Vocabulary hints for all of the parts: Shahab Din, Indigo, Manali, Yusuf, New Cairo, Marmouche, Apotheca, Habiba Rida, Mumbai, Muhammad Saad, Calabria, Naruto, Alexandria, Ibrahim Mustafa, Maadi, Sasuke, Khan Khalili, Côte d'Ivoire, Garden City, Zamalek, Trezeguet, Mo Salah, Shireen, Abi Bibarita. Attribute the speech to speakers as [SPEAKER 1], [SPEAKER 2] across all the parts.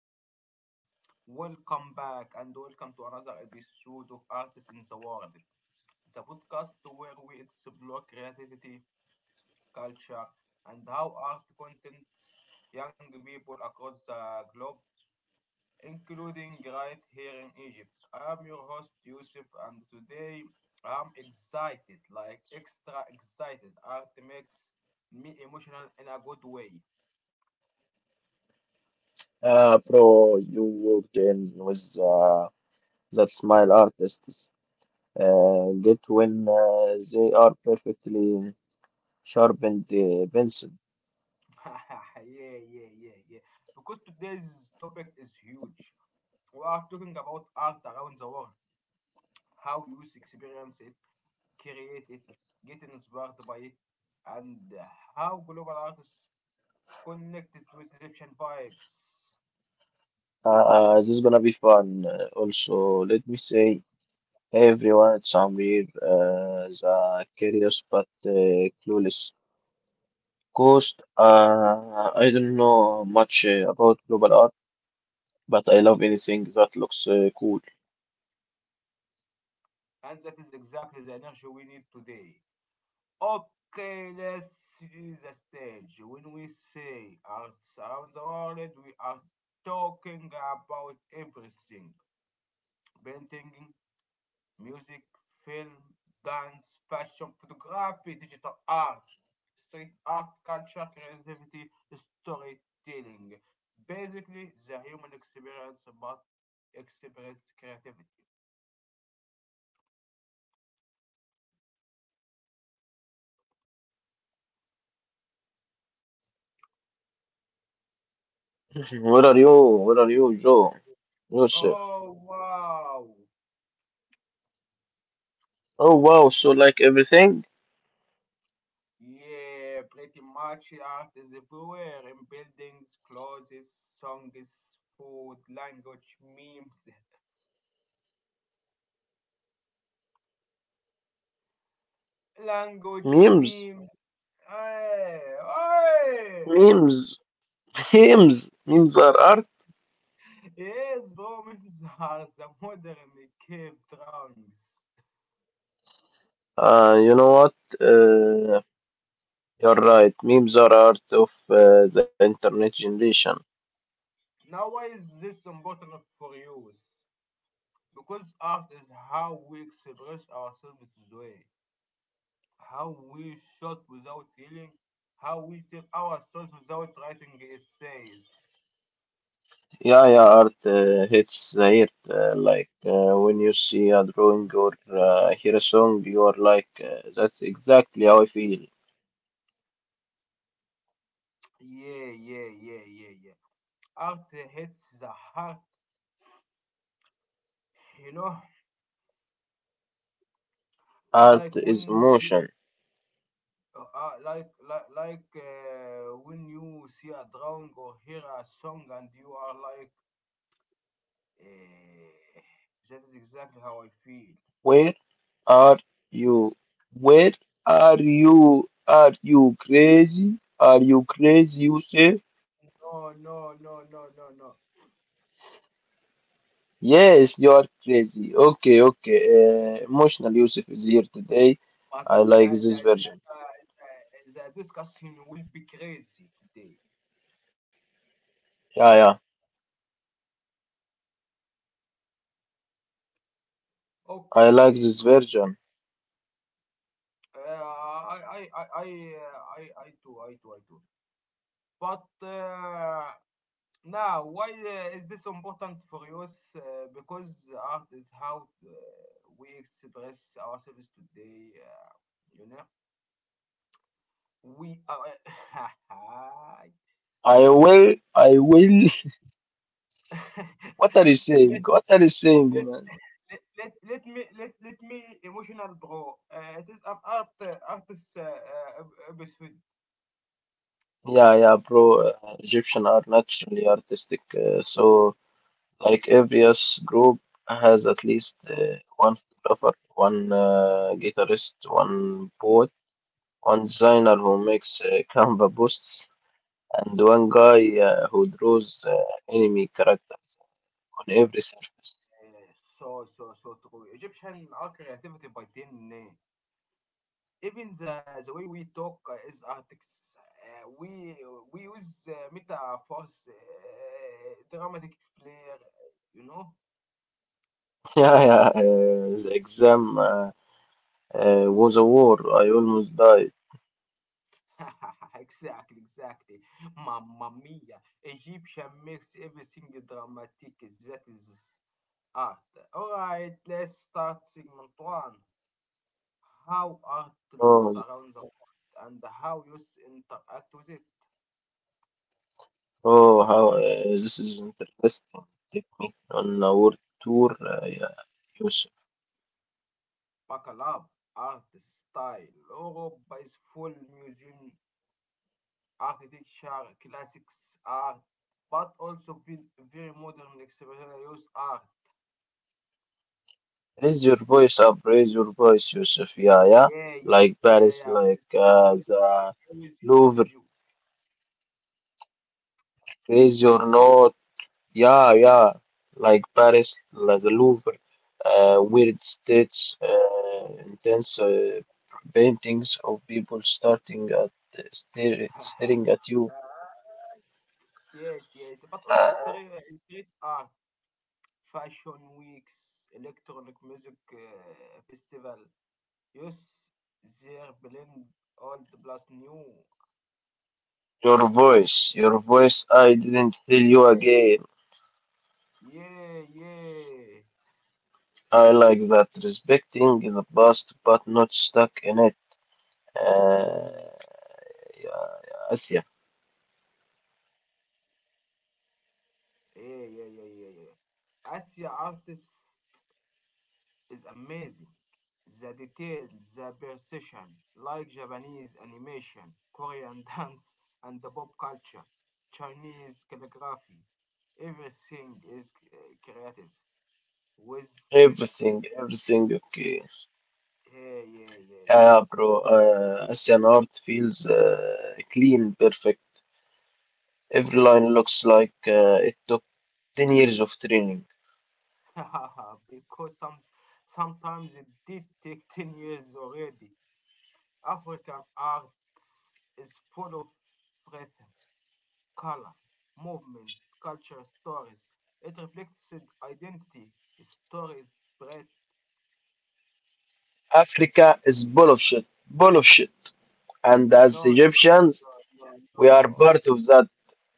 [SPEAKER 1] yes, yes. Perfect. Welcome back and welcome to another episode of Artists in the World, the podcast where we explore creativity, culture, and how art contents young people across the globe, including right here in Egypt. I am your host, Yusuf, and today I'm excited, like extra excited. Art makes me emotional in a good way.
[SPEAKER 2] Bro, you worked in with that smile artists. Get when they are perfectly sharpened pencil.
[SPEAKER 1] Yeah, yeah, yeah, yeah. Because today's topic is huge. We are talking about art around the world, how you experience it, create it, get inspired by it, and how global artists connected with Egyptian vibes.
[SPEAKER 2] This is gonna be fun. Also, let me say, everyone somewhere is curious but clueless. Cost, I don't know much about global art, but I love anything that looks cool.
[SPEAKER 1] And that is exactly the energy we need today. Okay, let's see the stage. When we say arts around the world, we are talking about everything painting, music, film, dance, fashion, photography, digital art, street art, culture, creativity, storytelling. Basically, the human experience, but experience creativity.
[SPEAKER 2] Oh, wow. Like everything? What are you, Joe? Joseph.
[SPEAKER 1] Oh, wow.
[SPEAKER 2] Oh wow, so like everything?
[SPEAKER 1] Yeah, pretty much art is everywhere in buildings, clothes, songs, food, language, memes, language,
[SPEAKER 2] Memes.
[SPEAKER 1] memes. Hey, hey.
[SPEAKER 2] Memes. Memes. Memes are art.
[SPEAKER 1] Yes, bombings are the modern cave drawings.
[SPEAKER 2] You know what? You're right. Memes are art of the internet generation.
[SPEAKER 1] Now, why is this important for youth? Because art is how we express ourselves today, how we shot without healing, how we tell our stories without writing essays.
[SPEAKER 2] Yeah, yeah, art hits the ear. Like when you see a drawing or hear a song, you are like, that's exactly how I feel.
[SPEAKER 1] Yeah, yeah, yeah, yeah, yeah. Art hits the heart, you know,
[SPEAKER 2] Art
[SPEAKER 1] like
[SPEAKER 2] is
[SPEAKER 1] when,
[SPEAKER 2] emotion.
[SPEAKER 1] like when you see a drawing or hear a song and you are like. Eh, that is exactly how I feel.
[SPEAKER 2] Where are you? Where are you? Are you crazy? Are you crazy, Yusuf?
[SPEAKER 1] No, no, no, no, no, no.
[SPEAKER 2] Yes, you are crazy. Okay, okay. Emotional Yusuf is here today.
[SPEAKER 1] But the,
[SPEAKER 2] I like
[SPEAKER 1] the,
[SPEAKER 2] this version.
[SPEAKER 1] the, the, the discussion will be crazy today.
[SPEAKER 2] Yeah, yeah. I like
[SPEAKER 1] Okay.
[SPEAKER 2] this version.
[SPEAKER 1] Uh, I, I, I, I, I do, I do. But now, why is this important for you? Because art is how we express ourselves today. You know, we are.
[SPEAKER 2] I will. I will. What are you saying?
[SPEAKER 1] let
[SPEAKER 2] What are you saying, man?
[SPEAKER 1] let let let let me emotional bro. It is an art artist episode.
[SPEAKER 2] Yeah, yeah, bro. Egyptian are naturally artistic, so like every yes group has at least one photographer, one guitarist, one poet, one designer who makes Canva posts, and one guy who draws enemy characters on every surface.
[SPEAKER 1] So true. Egyptian art creativity by 10. Even the way we talk is artics. We use metaphors, dramatic flair. You know.
[SPEAKER 2] Yeah, yeah. The exam was a war. I almost died.
[SPEAKER 1] Exactly, exactly. Mamma mia. Egyptian makes everything dramatic. That is art. Alright, let's start segment one. How art looks
[SPEAKER 2] Oh,
[SPEAKER 1] around the world and how youth interact with it.
[SPEAKER 2] oh, how this is interesting. Take me on a world tour. Yeah. You
[SPEAKER 1] Buckle up. Art style. Europe buys full museum architecture, classics art, but also very modern experimental use art.
[SPEAKER 2] raise your voice up, raise your voice, Yusuf. Yeah, yeah.
[SPEAKER 1] Yeah, yeah,
[SPEAKER 2] Like
[SPEAKER 1] yeah,
[SPEAKER 2] Paris,
[SPEAKER 1] yeah.
[SPEAKER 2] like
[SPEAKER 1] I was, I,
[SPEAKER 2] the
[SPEAKER 1] I was you, I
[SPEAKER 2] Louvre.
[SPEAKER 1] was you.
[SPEAKER 2] Raise your note. Yeah, yeah. Like Paris, like the Louvre. Weird states, intense paintings of people starting at staring at you.
[SPEAKER 1] Yes, yes, but
[SPEAKER 2] Uh,
[SPEAKER 1] also street art. Fashion Weeks, electronic music festival. Yes, there blend old plus new.
[SPEAKER 2] your voice, your voice. I didn't tell you
[SPEAKER 1] Yeah,
[SPEAKER 2] again.
[SPEAKER 1] yeah, yeah,
[SPEAKER 2] I like that. Respecting the past, but not stuck in it. Uh, yeah, Asya.
[SPEAKER 1] yeah, yeah, yeah, yeah, yeah. Asia artist is amazing. The detail, the precision, like Japanese animation, Korean dance, and the pop culture, Chinese calligraphy. Everything is creative. With
[SPEAKER 2] Everything, everything okay.
[SPEAKER 1] yeah, yeah, yeah, yeah,
[SPEAKER 2] Yeah, bro. Asian art feels clean, perfect. Every line looks like it took 10 years of training.
[SPEAKER 1] because sometimes it did take 10 years already. African arts is full of rhythm, color, movement, culture, stories. It reflects it identity, stories, breadth.
[SPEAKER 2] Africa is full of shit, full of shit. And as
[SPEAKER 1] No, no, no,
[SPEAKER 2] Egyptians,
[SPEAKER 1] no, no,
[SPEAKER 2] we are
[SPEAKER 1] no.
[SPEAKER 2] part of that.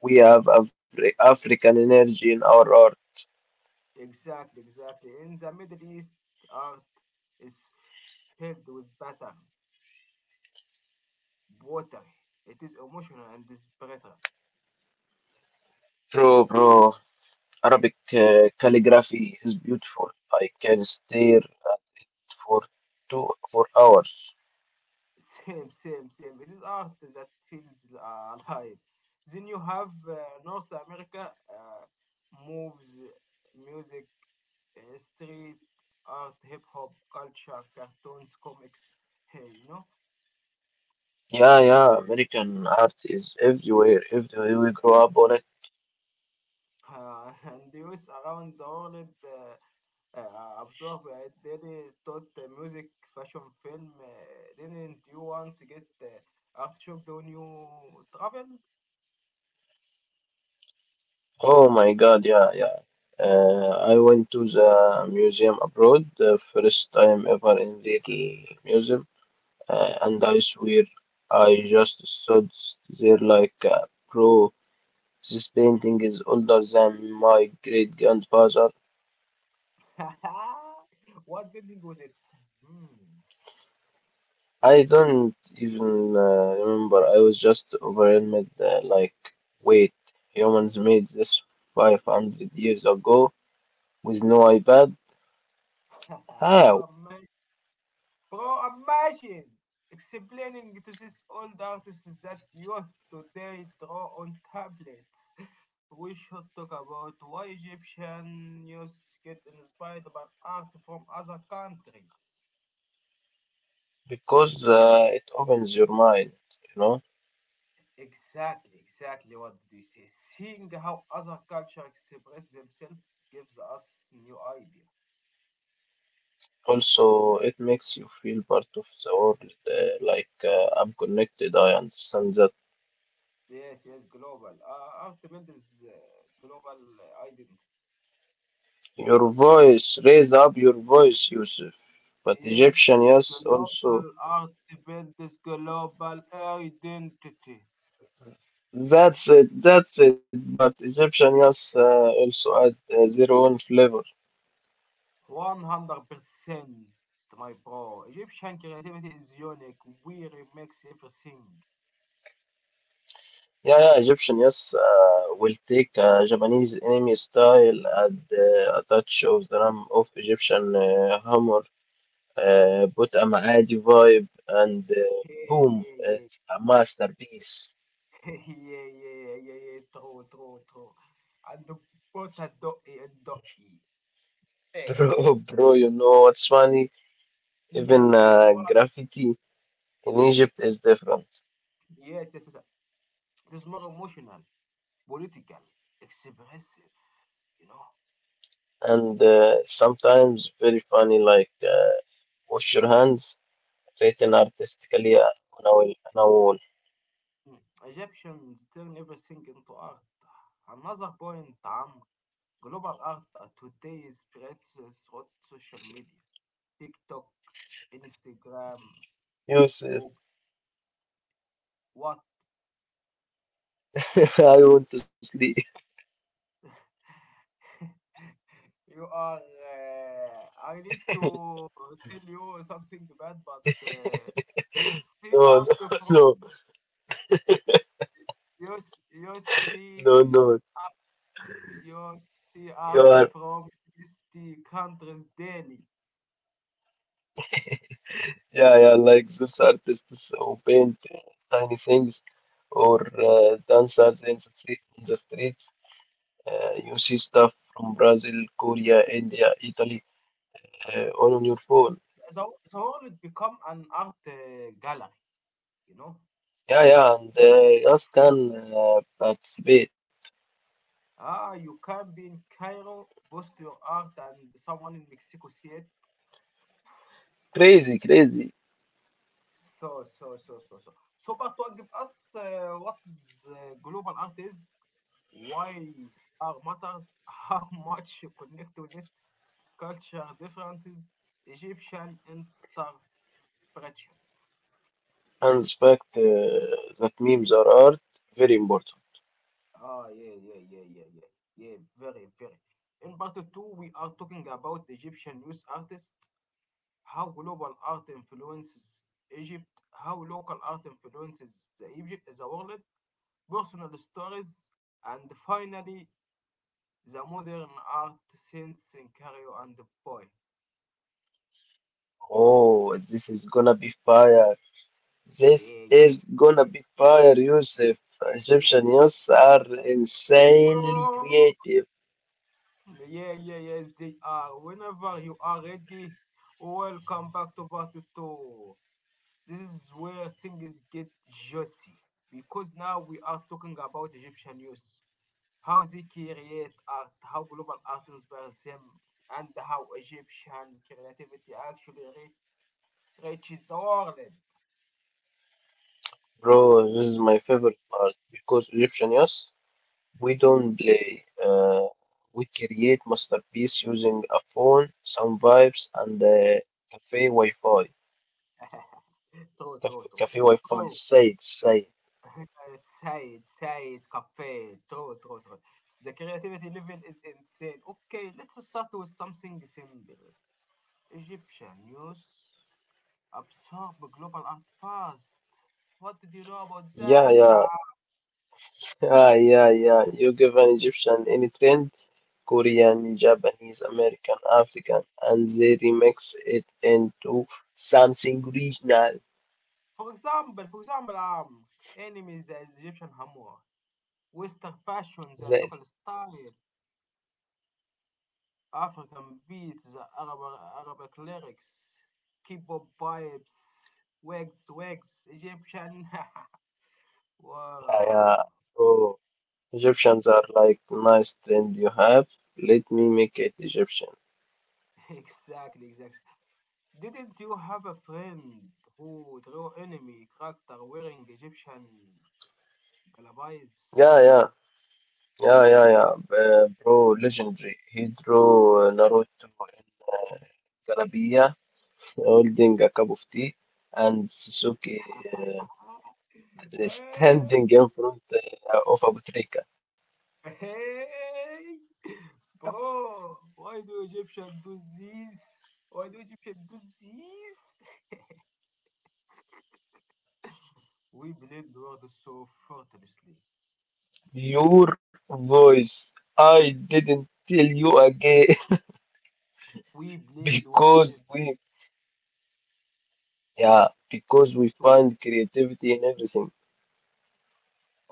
[SPEAKER 2] We have African energy in our art.
[SPEAKER 1] Exactly, exactly. In the Middle East, art is filled with patterns, watery. It is emotional and is
[SPEAKER 2] True, bro. Arabic calligraphy is beautiful. I can stare at it for two for hours.
[SPEAKER 1] same, same, same. It is art that feels alive. Then you have North America moves, music, street art, hip hop, culture, cartoons, comics. Hey, you know,
[SPEAKER 2] Yeah, yeah, American art is everywhere, everywhere we grow up on it.
[SPEAKER 1] and youth around the world absorb daily thought, music, fashion, film. Didn't you once get art shocked when you traveled?
[SPEAKER 2] Oh my God, yeah, yeah. I went to the museum abroad, the first time ever in the museum, and I swear I just stood there like, bro, this painting is older than my great grandfather.
[SPEAKER 1] What building was it? Hmm.
[SPEAKER 2] I don't even remember. I was just overwhelmed, like, wait humans made this 500 years ago with no iPad. How?
[SPEAKER 1] Bro, bro, imagine explaining to these old artists that youth today draw on tablets. We should talk about why Egyptian youth get inspired by art from other countries.
[SPEAKER 2] Because it opens your mind, you know.
[SPEAKER 1] Exactly, exactly, what did you say? Seeing how other culture express themselves gives us new idea.
[SPEAKER 2] Also, it makes you feel part of the world, like I'm connected. I understand that.
[SPEAKER 1] Yes, yes, global. Art builds uh, global identity.
[SPEAKER 2] Your voice, raise up your voice, Yusuf. But Egyptian,
[SPEAKER 1] Yes,
[SPEAKER 2] yes,
[SPEAKER 1] global
[SPEAKER 2] also.
[SPEAKER 1] art builds global identity.
[SPEAKER 2] That's it, that's it. But Egyptian, yes, also add 0 1 flavor.
[SPEAKER 1] 100%, my bro. Egyptian creativity is unique. We remix everything.
[SPEAKER 2] Yeah, yeah, Egyptian, yes, will take a Japanese anime style, add a touch of the ram of Egyptian humor, put a Maadi vibe, and
[SPEAKER 1] Yeah,
[SPEAKER 2] boom,
[SPEAKER 1] yeah, yeah.
[SPEAKER 2] it's a masterpiece.
[SPEAKER 1] Yeah, yeah, yeah, yeah, yeah. True, true, true. And the butter dotty and dotty.
[SPEAKER 2] Bro,
[SPEAKER 1] Yeah,
[SPEAKER 2] bro, you know what's funny?
[SPEAKER 1] yeah.
[SPEAKER 2] Even
[SPEAKER 1] What?
[SPEAKER 2] graffiti in Egypt is different,
[SPEAKER 1] Yes, yes, yes, yes. It is more emotional, political, expressive, you know.
[SPEAKER 2] and sometimes very funny, like wash your hands, written artistically on a wall. On a wall.
[SPEAKER 1] مم. Egyptians turn everything into art. Another point, Am, global art today spreads through social media. TikTok, Instagram,
[SPEAKER 2] Yusuf,
[SPEAKER 1] YouTube. What?
[SPEAKER 2] I want to sleep.
[SPEAKER 1] You are. I need to tell you something bad, but you see
[SPEAKER 2] No,
[SPEAKER 1] art from.
[SPEAKER 2] no,
[SPEAKER 1] You see.
[SPEAKER 2] no, no, no.
[SPEAKER 1] You see
[SPEAKER 2] You
[SPEAKER 1] art
[SPEAKER 2] are,
[SPEAKER 1] from 60 countries daily.
[SPEAKER 2] yeah, yeah, like those artists who paint tiny things or dancers in the street, in the streets. You see stuff from Brazil, Korea, India, Italy, all on your phone.
[SPEAKER 1] The, the whole it become an art gallery, you know,
[SPEAKER 2] Yeah, yeah, and
[SPEAKER 1] gallery. Of
[SPEAKER 2] us
[SPEAKER 1] fun.
[SPEAKER 2] can participate.
[SPEAKER 1] Ah, you can be in Cairo, post your art, and someone in Mexico see it.
[SPEAKER 2] Crazy, crazy.
[SPEAKER 1] So, so, so, so, so. So, but to give us what is global art is, why art matters, how much you connect with it, culture differences, Egyptian interpretation.
[SPEAKER 2] And the fact that memes are art, very important.
[SPEAKER 1] Ah, yeah, yeah, yeah, yeah, yeah, yeah, very, very. In part two, we are talking about Egyptian youth artists, how global art influences Egypt, how local art influences the Egypt, the world, personal stories, and finally the modern art since in Cairo and the boy.
[SPEAKER 2] Oh, this is gonna be fire. This
[SPEAKER 1] Yeah, yeah,
[SPEAKER 2] is gonna
[SPEAKER 1] yeah,
[SPEAKER 2] be fire, Yusuf.
[SPEAKER 1] yeah,
[SPEAKER 2] Egyptian youths are insanely
[SPEAKER 1] yeah.
[SPEAKER 2] creative,
[SPEAKER 1] Yeah, yeah, yeah, they are. Whenever you are ready, welcome back to part two. This is where things get juicy because now we are talking about Egyptian youth, how they create art, how global art inspires them, and how Egyptian creativity actually reaches the world.
[SPEAKER 2] bro. This is my favorite part because Egyptian youths, we don't play. We create masterpiece using a phone, some vibes, and cafe Wi-Fi.
[SPEAKER 1] True, true, true.
[SPEAKER 2] Cafe Wi-Fi.
[SPEAKER 1] True.
[SPEAKER 2] Say it, say it.
[SPEAKER 1] Said, Said Cafe. True, true, true. The creativity level is insane. Okay, let's start with something simple. Egyptian news absorb global art fast. What did you know about
[SPEAKER 2] Yeah,
[SPEAKER 1] that?
[SPEAKER 2] yeah.
[SPEAKER 1] Uh,
[SPEAKER 2] Yeah, yeah, yeah. You give an Egyptian any trend, Korean, Japanese, American, African, and they remix it into something regional.
[SPEAKER 1] for example, for example, um, enemies the Egyptian Hamur, Western fashion,
[SPEAKER 2] That,
[SPEAKER 1] the local style, African beats, the Arabic lyrics, K-pop vibes, wigs, Egyptian.
[SPEAKER 2] yeah,
[SPEAKER 1] Wow,
[SPEAKER 2] yeah. Bro, Egyptians are like nice trend you have. Let me make it Egyptian.
[SPEAKER 1] exactly, exactly. Didn't you have a friend who drew enemy character wearing Egyptian Galabayz.
[SPEAKER 2] Yeah, yeah, yeah, yeah, yeah. Bro, legendary. He drew Naruto in Calabria, holding a cup of tea, and Sasuke standing in front of Apotheca.
[SPEAKER 1] Hey, hey, bro, why do Egyptian do this? Why do Egyptian do this? We blame the world so effortlessly.
[SPEAKER 2] Your voice. I didn't tell you again.
[SPEAKER 1] We blame the world
[SPEAKER 2] because we, yeah, because we
[SPEAKER 1] so.
[SPEAKER 2] find creativity in everything.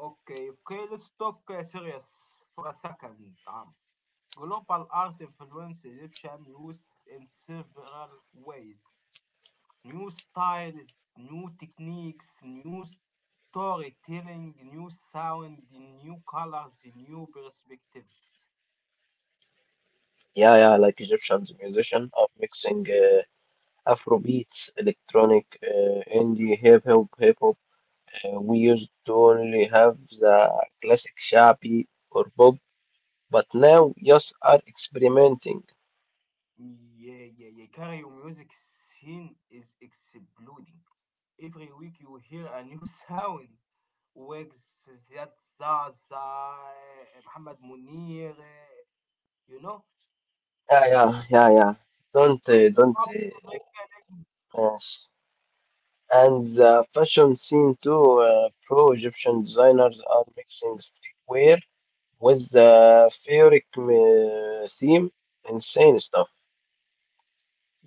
[SPEAKER 1] Okay, let's talk serious for a second. Global art influence Egyptian youth in several ways. New styles, new techniques, new storytelling, new sound, new colors, new perspectives.
[SPEAKER 2] Yeah, yeah, like Egyptians musicians are mixing Afro beats, electronic, indie, hip hop, hip hop. We used to only have the classic shabby or pop, but now just are experimenting.
[SPEAKER 1] Yeah, yeah, yeah. Cario music scene is exploding. Every week you hear a new sound. Wigs, Ziad Zaza, eh, Mohammed Munir, eh, you know?
[SPEAKER 2] Yeah, yeah, yeah, yeah. Don't, don't.
[SPEAKER 1] Pop, Rick and-
[SPEAKER 2] Yes. And the fashion scene too. Pro Egyptian designers are mixing streetwear with the fairy theme. Insane stuff.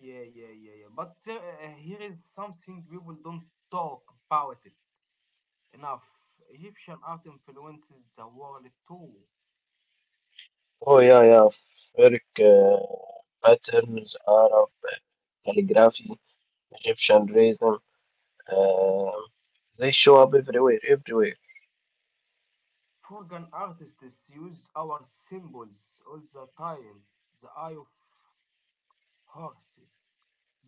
[SPEAKER 1] yeah, yeah, yeah, yeah. But here is something people don't talk about it. Enough, Egyptian art influences the world too.
[SPEAKER 2] Oh yeah, yeah. Fairy patterns, Arab calligraphy, Egyptian rhythm. Um they show up everywhere, everywhere.
[SPEAKER 1] Foreign artists use our symbols all the time. The eye of horses,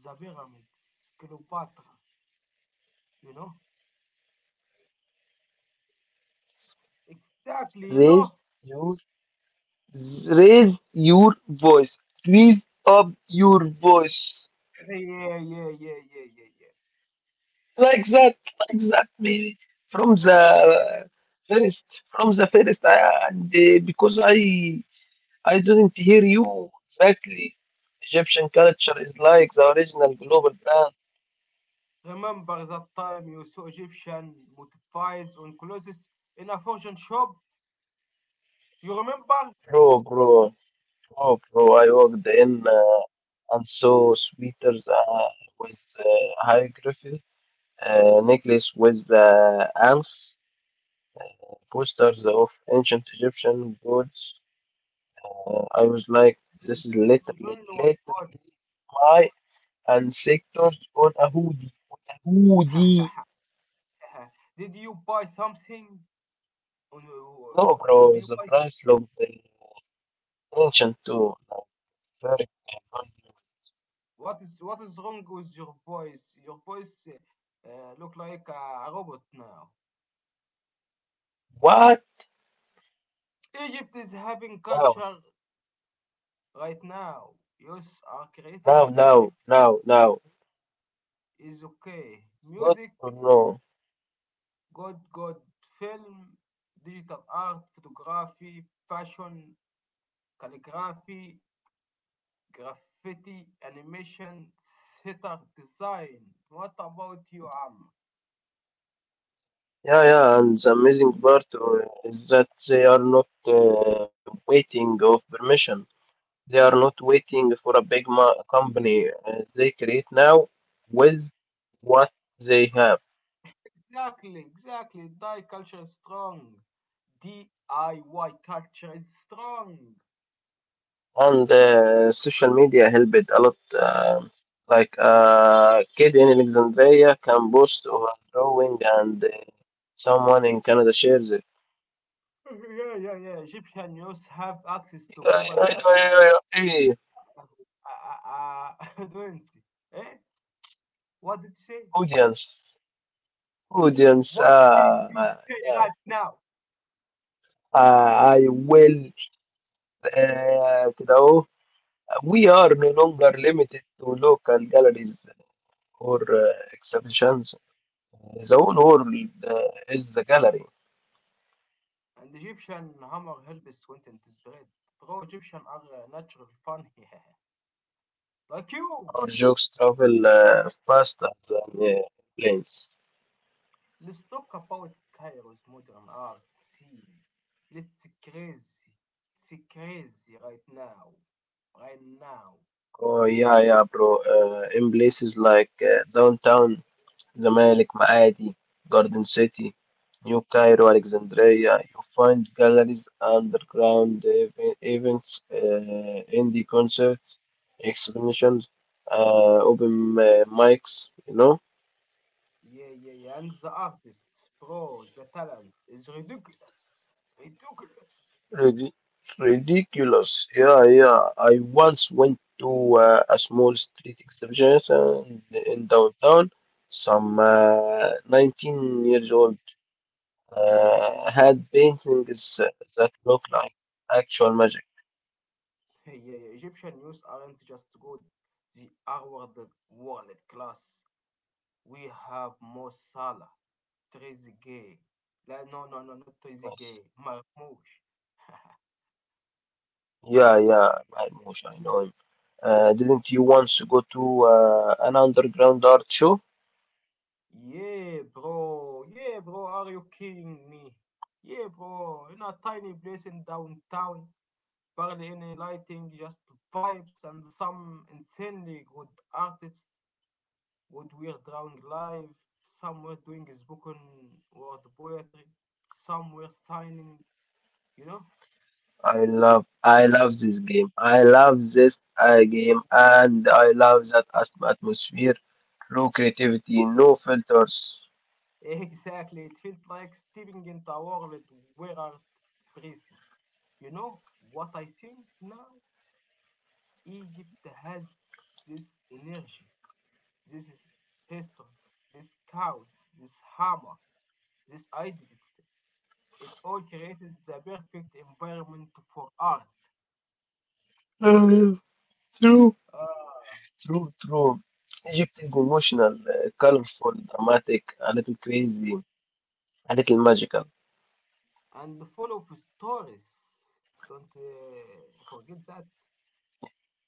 [SPEAKER 1] the pyramids, Cleopatra, you know? Exactly, you
[SPEAKER 2] Raise
[SPEAKER 1] know?
[SPEAKER 2] you Raise your voice, raise up your voice,
[SPEAKER 1] Yeah, yeah, yeah, yeah, yeah, yeah.
[SPEAKER 2] like that, like that, maybe from
[SPEAKER 1] Yeah, yeah.
[SPEAKER 2] the from the first, and because I didn't hear you exactly. Egyptian culture is like the original global brand,
[SPEAKER 1] Remember that time you saw Egyptian motifs on clothes in a fashion shop? You remember?
[SPEAKER 2] bro, bro, bro, bro. I walked in and saw sweaters with hieroglyphy, necklace with elves posters of ancient Egyptian gods. I was like, this is
[SPEAKER 1] There's
[SPEAKER 2] literally,
[SPEAKER 1] only one
[SPEAKER 2] literally my ancestors on a hoodie. On a
[SPEAKER 1] God.
[SPEAKER 2] hoodie.
[SPEAKER 1] Uh, did you buy something? Uh,
[SPEAKER 2] No,
[SPEAKER 1] Did
[SPEAKER 2] bro,
[SPEAKER 1] you
[SPEAKER 2] the
[SPEAKER 1] buy? Some-
[SPEAKER 2] price looked ancient too. Like, it's very expensive.
[SPEAKER 1] What is wrong with your voice? Your voice look like a robot now.
[SPEAKER 2] What?
[SPEAKER 1] Egypt is having
[SPEAKER 2] Now,
[SPEAKER 1] culture right now. Youth are creating
[SPEAKER 2] now,
[SPEAKER 1] in every
[SPEAKER 2] now,
[SPEAKER 1] field.
[SPEAKER 2] now, now.
[SPEAKER 1] Is okay.
[SPEAKER 2] It's good
[SPEAKER 1] Music,
[SPEAKER 2] to know.
[SPEAKER 1] good, good. Film, digital art, photography, fashion, calligraphy, graffiti, animation, theater, design. What about you, Am?
[SPEAKER 2] Yeah, yeah, and the amazing part is that they are not waiting of permission. They are not waiting for a big company. They create now with what they have,
[SPEAKER 1] Exactly, exactly. Thai culture is strong. DIY culture is strong.
[SPEAKER 2] and social media helped a lot. Um like a kid in Alexandria can boast of a drawing, and someone in Canada shares it.
[SPEAKER 1] Yeah, yeah, yeah. Egyptian youth have access to
[SPEAKER 2] Yeah,
[SPEAKER 1] global
[SPEAKER 2] yeah, yeah, yeah,
[SPEAKER 1] uh,
[SPEAKER 2] yeah, yeah. Hey,
[SPEAKER 1] uh, uh, fluency. Eh? What did you say?
[SPEAKER 2] audience, audience.
[SPEAKER 1] What did you say
[SPEAKER 2] Yeah.
[SPEAKER 1] right now?
[SPEAKER 2] Uh, I will. كده أهو. We are no longer limited to local galleries or exhibitions. The whole world uh, is the gallery.
[SPEAKER 1] And Egyptian humor helps content is spread. Bro, Egyptian are naturally funny. Like you.
[SPEAKER 2] Our jokes travel faster than planes.
[SPEAKER 1] Let's talk about Cairo's modern art scene. Let's crazy. It's crazy right now. Right now.
[SPEAKER 2] Oh yeah, yeah, bro. In places like downtown Zamalek, Maadi, Garden City, New Cairo, Alexandria, you find galleries, underground events, indie concerts, exhibitions, open mics. You know.
[SPEAKER 1] Yeah, yeah, yeah. And the artist, bro, the talent is ridiculous. Ridiculous.
[SPEAKER 2] Ridi- Ridiculous. Yeah, yeah. I once went to a small street exhibition in downtown. Some 19 years old had paintings that look like actual magic.
[SPEAKER 1] Yeah, yeah. Egyptian news aren't just good. They are world class. We have Mo Salah, Trezeguet. No, no, no, not Trezeguet.
[SPEAKER 2] Yes.
[SPEAKER 1] Marmouche.
[SPEAKER 2] Yeah, yeah, Mahmoud, I know him. Didn't you once go to an underground art show?
[SPEAKER 1] Yeah, bro. Yeah, bro. Are you kidding me? Yeah, bro. In a tiny place in downtown, barely any lighting, just vibes and some insanely good artists, good weird drawing live, somewhere doing spoken word poetry, somewhere signing, you know?
[SPEAKER 2] I love this game. I love this game and I love that atmosphere. True creativity, no filters.
[SPEAKER 1] Exactly. It felt like stepping into a world where art breathes. You know what I think now? Egypt has this energy, this is history, this chaos, this hammer, this identity. It all creates the perfect environment for art.
[SPEAKER 2] Uh, True,
[SPEAKER 1] Ah,
[SPEAKER 2] true, true. Egypt is emotional, colorful, dramatic, a little crazy, a little magical.
[SPEAKER 1] and full of stories. Don't forget that.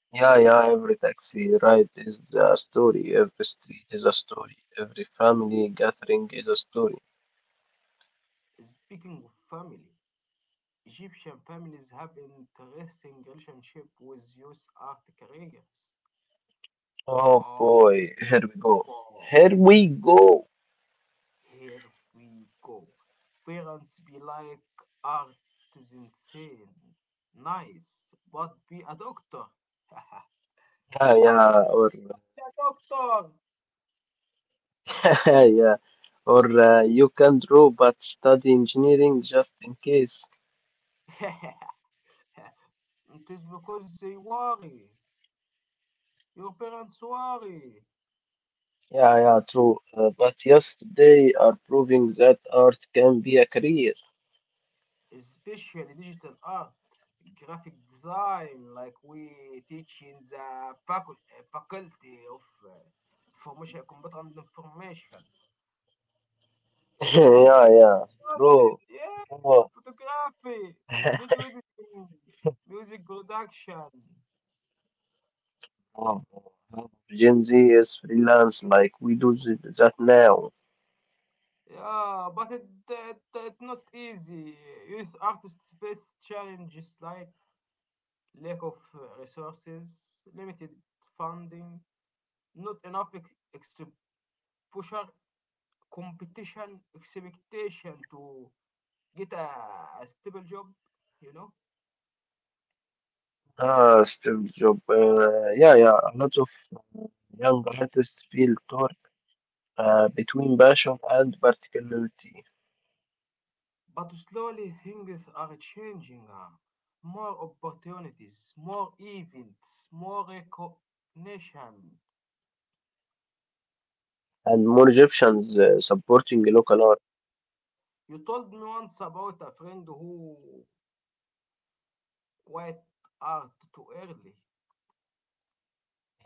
[SPEAKER 2] Yeah, yeah, every taxi ride is a story, every street is a story, every family gathering is a story.
[SPEAKER 1] Speaking of family, Egyptian families have interesting relationship with youth art careers.
[SPEAKER 2] Oh
[SPEAKER 1] Oh,
[SPEAKER 2] boy, here we go.
[SPEAKER 1] wow.
[SPEAKER 2] Here we go.
[SPEAKER 1] Here we go. Parents be like art is insane. Nice, but be a doctor.
[SPEAKER 2] Yeah,
[SPEAKER 1] Art
[SPEAKER 2] yeah,
[SPEAKER 1] is
[SPEAKER 2] our
[SPEAKER 1] a doctor.
[SPEAKER 2] yeah, or you can draw but study engineering just in case.
[SPEAKER 1] It is because they worry. Your parents worry.
[SPEAKER 2] Yeah, yeah, true. But yes, they are proving that art can be a career.
[SPEAKER 1] Especially digital art, graphic design, like we teach in the faculty of uh, information, computer and information.
[SPEAKER 2] Yeah,
[SPEAKER 1] Dove ti
[SPEAKER 2] yeah, bro.
[SPEAKER 1] yeah,
[SPEAKER 2] Bro.
[SPEAKER 1] photography, video editing, music production.
[SPEAKER 2] Wow, wow. Gen Z is freelance, like we do that now.
[SPEAKER 1] Yeah, but it's not easy. Youth artists face challenges like lack of resources, limited funding, not enough exposure, competition, expectation to get a stable job, you know?
[SPEAKER 2] Ah, Steve Job. Yeah, yeah. A lot of uh, young artists feel torn between passion and particularity.
[SPEAKER 1] But slowly things are changing. More opportunities, more events, more recognition.
[SPEAKER 2] And more Egyptians supporting local art.
[SPEAKER 1] You told me once about a friend who quit art too early.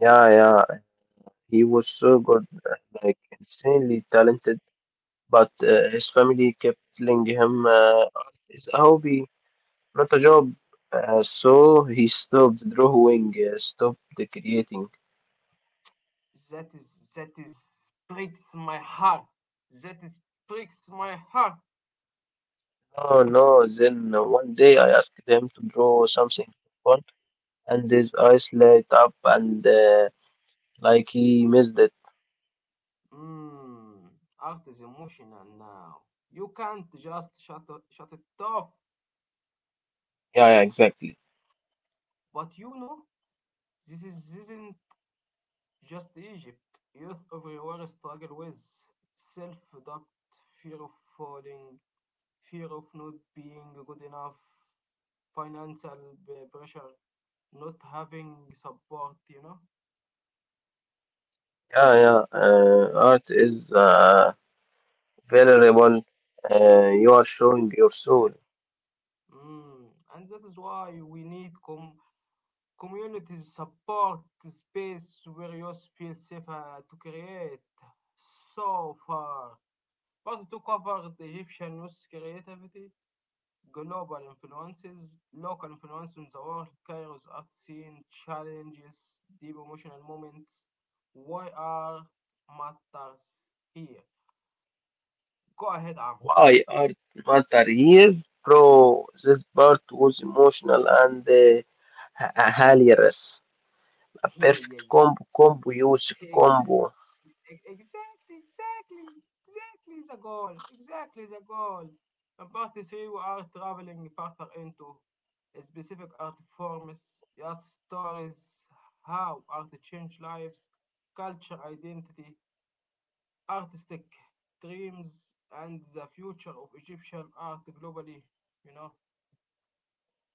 [SPEAKER 2] Yeah, yeah, he was so good, uh, like insanely talented. But his family kept telling him art is a hobby, not a job. So he stopped drawing, stopped creating.
[SPEAKER 1] That is breaks my heart. That is breaks my heart.
[SPEAKER 2] No, no. Then one day I asked him to draw something for fun, and his eyes light up, and like he missed it.
[SPEAKER 1] Mm, Art is emotional now. You can't just shut it off.
[SPEAKER 2] Yeah, yeah, exactly.
[SPEAKER 1] But you know, this is isn't just Egypt, youth everywhere struggle with self-doubt, fear of falling, fear of not being good enough, financial pressure, not having support, you know?
[SPEAKER 2] Yeah, yeah. Art is vulnerable, you are showing your soul.
[SPEAKER 1] Mm. And that is why we need communities support space where youth feel safer to create. So far. But to cover the Egyptian youth creativity, global influences, local influences, on the workers at scene, challenges, deep emotional moments. Why are matters here? Go ahead, Amr.
[SPEAKER 2] Why art matter? Yes, bro. This part was emotional and h- hilarious. A
[SPEAKER 1] Yeah,
[SPEAKER 2] perfect
[SPEAKER 1] yeah,
[SPEAKER 2] combo, combo, Yusuf,
[SPEAKER 1] yeah.
[SPEAKER 2] combo.
[SPEAKER 1] Exactly, exactly, exactly the goal, exactly the goal. In part three, we are traveling further into specific art forms, yes, stories, how art change lives, culture, identity, artistic dreams and the future of Egyptian art globally, you know.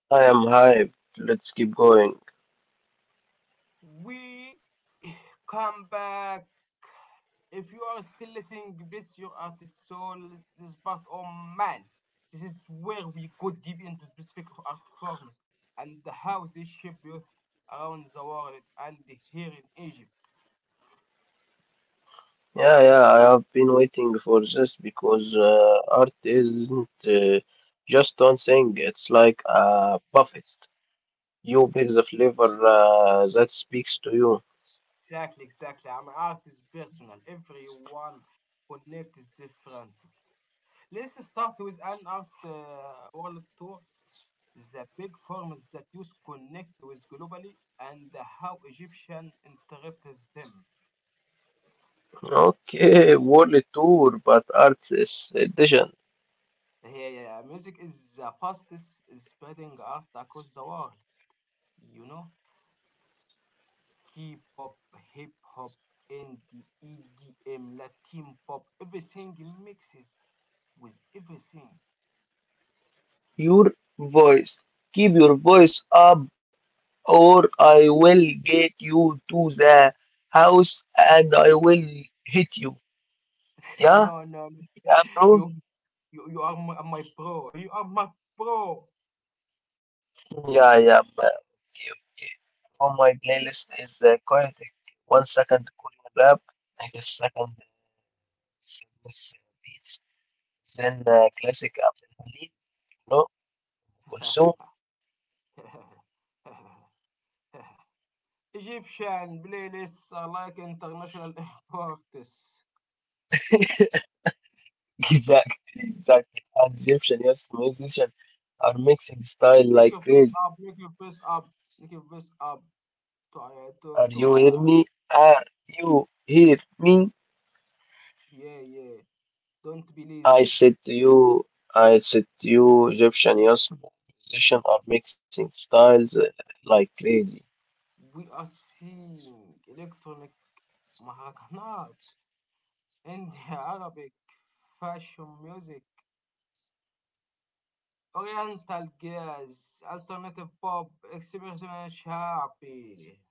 [SPEAKER 2] I am hyped. Let's keep going.
[SPEAKER 1] We come back. If you are still listening, bless your artist soul. This is part, oh man, this is where we go deep into specific art forms and how they shape youth around the world and here in Egypt.
[SPEAKER 2] Yeah, yeah. I have been waiting for this because art isn't just one thing. It's like a buffet. You pick the flavor that speaks to you.
[SPEAKER 1] Exactly, exactly. I'm an artist personal. Everyone connects differently. Let's start with an art world tour, the big forms that use connect with globally and how Egyptian interpreted them.
[SPEAKER 2] Okay, world tour, but artist edition.
[SPEAKER 1] Yeah. Music is the fastest spreading art across the world. You know, K-pop, hip hop, indie, EDM, Latin pop, everything mixes with everything.
[SPEAKER 2] Your voice. Keep your voice up, or I will get you to the house and I will hit you. Yeah,
[SPEAKER 1] No, no,
[SPEAKER 2] yeah, bro.
[SPEAKER 1] you, you are my pro. You are my pro.
[SPEAKER 2] Yeah, yeah. ma- Okay, okay. On my playlist is chaotic. One second Korean rap, next second sadness beats, then classic Abdul Hamid, no, Kulsum.
[SPEAKER 1] Egyptian playlists are like international imports.
[SPEAKER 2] Exactly, exactly. And Egyptian, yes, musician are mixing style
[SPEAKER 1] Make
[SPEAKER 2] like
[SPEAKER 1] your face
[SPEAKER 2] crazy.
[SPEAKER 1] up, make your face up, make your face up to uh, to
[SPEAKER 2] Are
[SPEAKER 1] to
[SPEAKER 2] you hear
[SPEAKER 1] uh,
[SPEAKER 2] me? Are you hear me?
[SPEAKER 1] yeah yeah. Don't be
[SPEAKER 2] I
[SPEAKER 1] lazy.
[SPEAKER 2] said to you, I said to you, Egyptian, yes, musician are mixing styles like crazy.
[SPEAKER 1] We are seeing electronic maracanat, India Arabic, fashion music, Oriental jazz, alternative pop, experimental sharpie.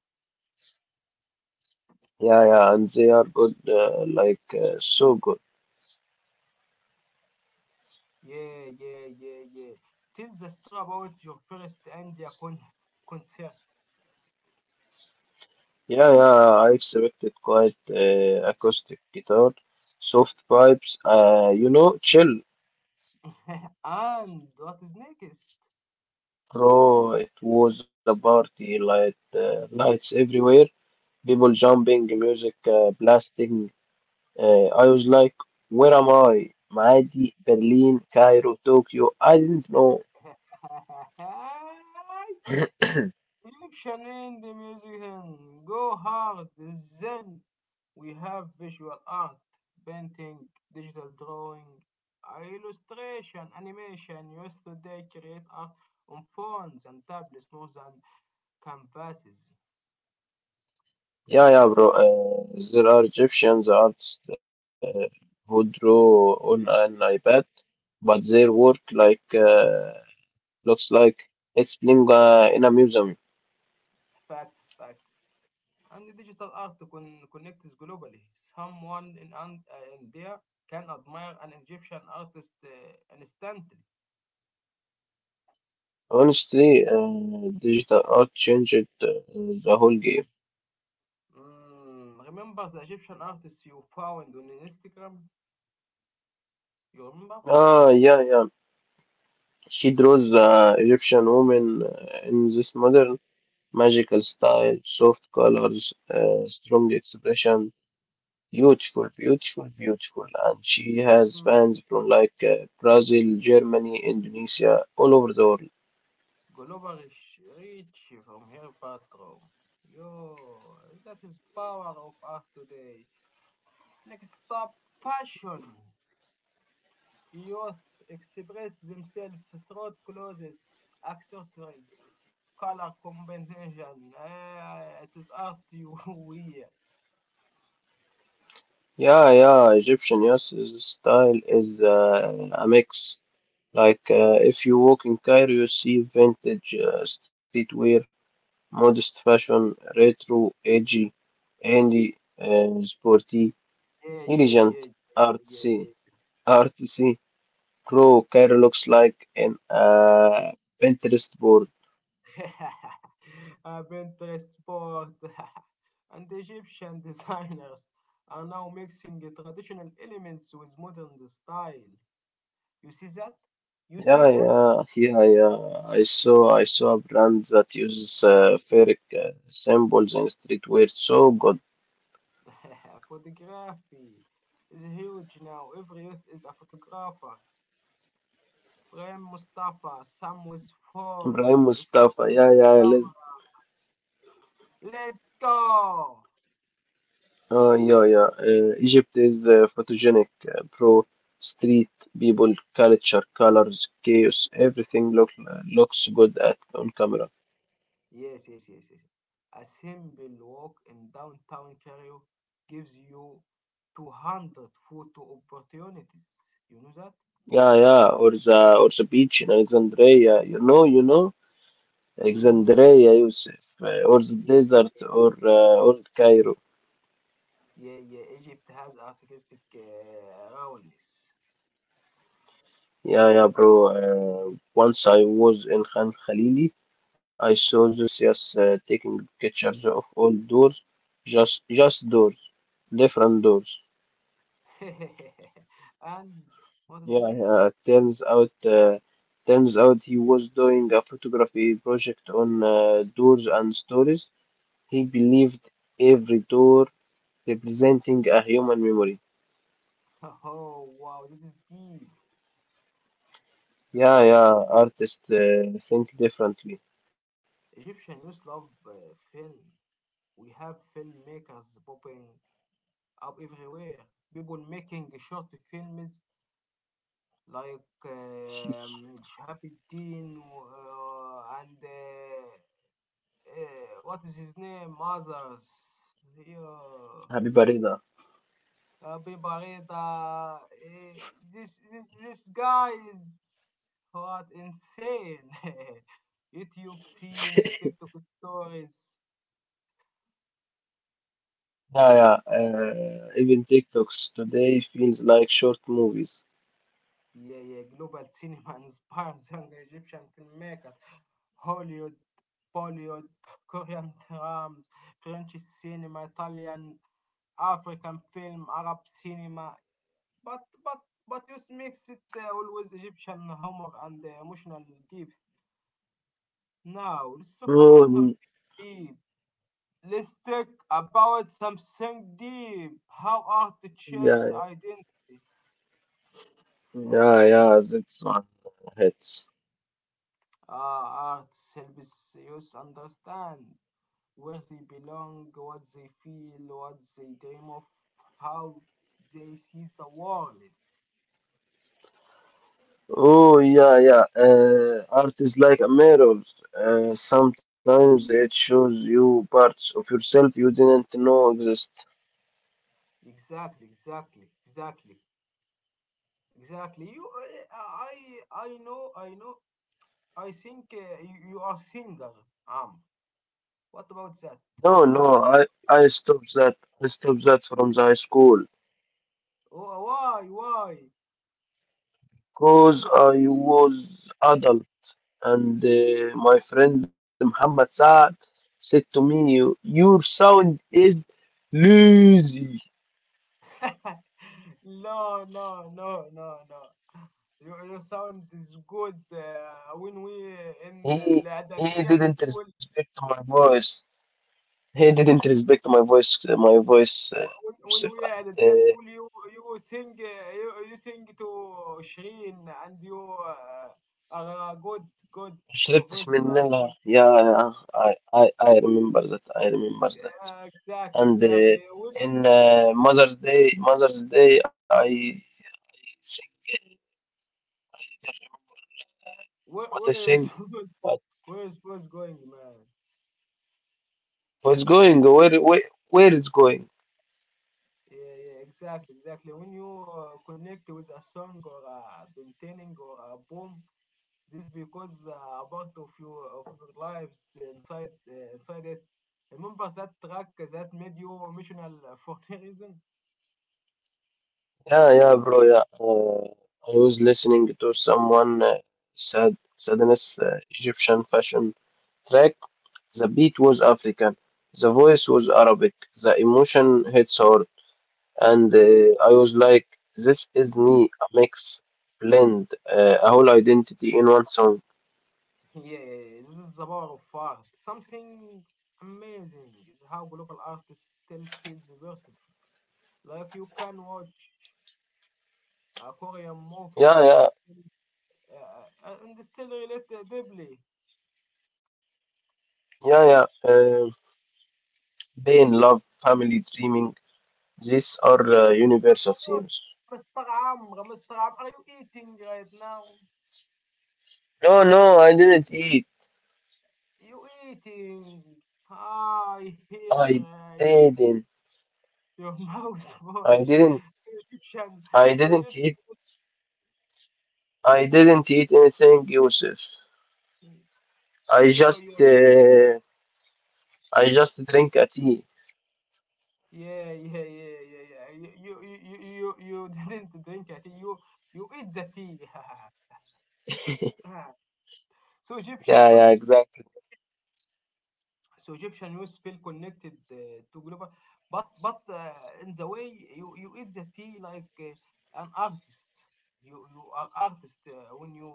[SPEAKER 2] Yeah, yeah, and they are good, like so good.
[SPEAKER 1] Yeah yeah yeah yeah. Tell the story about your first India concert.
[SPEAKER 2] Yeah, yeah, I expected quite acoustic guitar, soft pipes, chill.
[SPEAKER 1] And what is next?
[SPEAKER 2] Bro, it was a party, lights everywhere, people jumping, music blasting. I was like, where am I? Maadi, Berlin, Cairo, Tokyo. I didn't know.
[SPEAKER 1] Egyptian in the music and go hard. Then we have visual art, painting, digital drawing, illustration, animation. Used today create art on phones and tablets more than canvases.
[SPEAKER 2] Yeah, yeah, bro. There are Egyptians artists who draw on an iPad, but their work looks like it's being in a museum.
[SPEAKER 1] Facts, facts. And digital art connects globally. Someone in India can admire an Egyptian artist instantly.
[SPEAKER 2] Honestly, digital art changed uh, the whole game.
[SPEAKER 1] Mm, remember the Egyptian artist you found on Instagram? You remember?
[SPEAKER 2] Ah, yeah, yeah. She draws Egyptian women in this modern magical style, soft colors, strong expression, beautiful, beautiful, beautiful. And she has
[SPEAKER 1] Hmm.
[SPEAKER 2] fans from Brazil, Germany, Indonesia, all over the world.
[SPEAKER 1] Global is rich from her bathroom. Yo, that is power of art today. Next up, fashion. Youth express themselves through clothes, accessories, color combination. It is art you wear.
[SPEAKER 2] Yeah, yeah, Egyptian, yes, this style is a mix. If you walk in Cairo, you see vintage streetwear, modest fashion, retro, edgy. Indie, sporty,
[SPEAKER 1] Yeah, yeah,
[SPEAKER 2] intelligent,
[SPEAKER 1] yeah, yeah,
[SPEAKER 2] artsy,
[SPEAKER 1] yeah,
[SPEAKER 2] artsy. Crow Cairo looks like an Pinterest board.
[SPEAKER 1] yeah. Pinterest sport and Egyptian designers are now mixing the traditional elements with modern style. You see that? You see
[SPEAKER 2] Yeah,
[SPEAKER 1] that?
[SPEAKER 2] yeah, yeah, yeah. I saw a brand that uses fairy symbols in streetwear. So good,
[SPEAKER 1] Photography is huge now. Every youth is a photographer. Prem Mustafa, some with
[SPEAKER 2] Ibrahim
[SPEAKER 1] phones, some
[SPEAKER 2] Mustafa.
[SPEAKER 1] with
[SPEAKER 2] Yeah, yeah, I live.
[SPEAKER 1] cameras. Let's go!
[SPEAKER 2] Oh, yeah, yeah. Egypt is photogenic, pro street people, culture, colors, chaos. Everything looks good at on camera.
[SPEAKER 1] Yes, yes, yes, yes. A simple walk in downtown Cairo gives you 200 photo opportunities. You know that?
[SPEAKER 2] Yeah, yeah, or the beach in Alexandria,
[SPEAKER 1] Mm,
[SPEAKER 2] Alexandria, Yusuf, or the
[SPEAKER 1] yeah,
[SPEAKER 2] desert, or Cairo.
[SPEAKER 1] yeah, yeah. Egypt has artistic roundness.
[SPEAKER 2] Yeah, yeah, bro. Once I was in Khan Khalili, I saw this yes taking pictures of all doors, just doors, different doors.
[SPEAKER 1] And what is
[SPEAKER 2] Yeah,
[SPEAKER 1] next?
[SPEAKER 2] yeah. Turns out he was doing a photography project on doors and stories. He believed every door representing a human memory.
[SPEAKER 1] Oh, wow, that is deep.
[SPEAKER 2] Yeah, yeah, artists think differently.
[SPEAKER 1] Egyptian youth love film. We have filmmakers popping up everywhere. People making short films like Shahab Din and what is his name? Others. Yeah.
[SPEAKER 2] Habiba Rida.
[SPEAKER 1] Abi Bibarita. This this, guy is what insane. YouTube scenes, TikTok stories,
[SPEAKER 2] Yeah, yeah, even TikToks today feels like short movies.
[SPEAKER 1] yeah, yeah, global cinema inspires young Egyptian filmmakers. Hollywood, Bollywood, Korean dramas, French cinema, Italian, African film, Arab cinema. But but but you mix it always Egyptian humor and emotional deep. Now let's talk
[SPEAKER 2] Oh,
[SPEAKER 1] about something
[SPEAKER 2] mm,
[SPEAKER 1] deep. Let's talk about something deep. How art shapes
[SPEAKER 2] yeah,
[SPEAKER 1] identity.
[SPEAKER 2] yeah, yeah, that's one hits.
[SPEAKER 1] Art helps us understand where they belong, what they feel, what they dream of, how they see the world.
[SPEAKER 2] Oh, yeah, yeah, art is like a mirror. Sometimes it shows you parts of yourself you didn't know exist.
[SPEAKER 1] Exactly, exactly, exactly, exactly. You, I know, I know. I think uh, you are singer. Um, what about that?
[SPEAKER 2] No,
[SPEAKER 1] I
[SPEAKER 2] no,
[SPEAKER 1] think.
[SPEAKER 2] I, I stopped that. I stopped that from the high school.
[SPEAKER 1] Wh- Why, why?
[SPEAKER 2] Because I was adult and my friend Muhammad Saad said to me, "You- Your sound is lazy.
[SPEAKER 1] No, no, no, no, no. Your sound is good when we in
[SPEAKER 2] He, he
[SPEAKER 1] الإعدادية
[SPEAKER 2] didn't
[SPEAKER 1] school
[SPEAKER 2] respect my voice. He didn't respect my voice. My voice,
[SPEAKER 1] when
[SPEAKER 2] Yusuf.
[SPEAKER 1] we are at
[SPEAKER 2] And,
[SPEAKER 1] the
[SPEAKER 2] uh,
[SPEAKER 1] school, you sing uh, you sing to Shireen and you uh, are good. Your
[SPEAKER 2] شربتش من
[SPEAKER 1] voices are
[SPEAKER 2] نلا.
[SPEAKER 1] good.
[SPEAKER 2] Yeah, yeah. I remember that. I remember that.
[SPEAKER 1] Exactly,
[SPEAKER 2] And uh,
[SPEAKER 1] exactly. Where
[SPEAKER 2] in uh, Mother's Day, Mother's Day, I sing.
[SPEAKER 1] where
[SPEAKER 2] What I
[SPEAKER 1] where is
[SPEAKER 2] think. But
[SPEAKER 1] where is voice going, man?
[SPEAKER 2] was going where it's going?
[SPEAKER 1] Yeah, yeah, exactly, exactly. When you connect with a song or a painting or a poem, this because a part of your lives inside it. Remember that track that made you emotional for any reason?
[SPEAKER 2] Yeah, yeah, bro. Yeah, I was listening to someone said sadness Egyptian fashion track. The beat was African, the voice was Arabic, the emotion hits hard, and I was like, this is me, a mix, blend, a whole identity in one song.
[SPEAKER 1] Yes, this is the power of art. Something amazing is how global art still feels personal. Like you can watch a Korean movie
[SPEAKER 2] Yeah, yeah,
[SPEAKER 1] and still relate deeply.
[SPEAKER 2] yeah, yeah. Pain, love, family, dreaming, these are universal themes.
[SPEAKER 1] Mr. Amr, Mr. Amr, are you eating right now?
[SPEAKER 2] No, no, I didn't eat.
[SPEAKER 1] You eating? I hear
[SPEAKER 2] I didn't.
[SPEAKER 1] your mouse
[SPEAKER 2] I
[SPEAKER 1] voice.
[SPEAKER 2] didn't.
[SPEAKER 1] So Egyptian,
[SPEAKER 2] I
[SPEAKER 1] so
[SPEAKER 2] didn't
[SPEAKER 1] Egyptian.
[SPEAKER 2] eat. I didn't eat anything, Yusuf. I
[SPEAKER 1] Yo, yo,
[SPEAKER 2] just. I just drink a tea.
[SPEAKER 1] yeah, yeah, yeah, yeah, yeah. You didn't drink a tea. You eat the tea. Ah. so Egyptian
[SPEAKER 2] Yeah, yeah,
[SPEAKER 1] youth feel,
[SPEAKER 2] exactly.
[SPEAKER 1] so Egyptian youth feel connected to global, but in the way you, you eat the tea like an artist. You are artist when you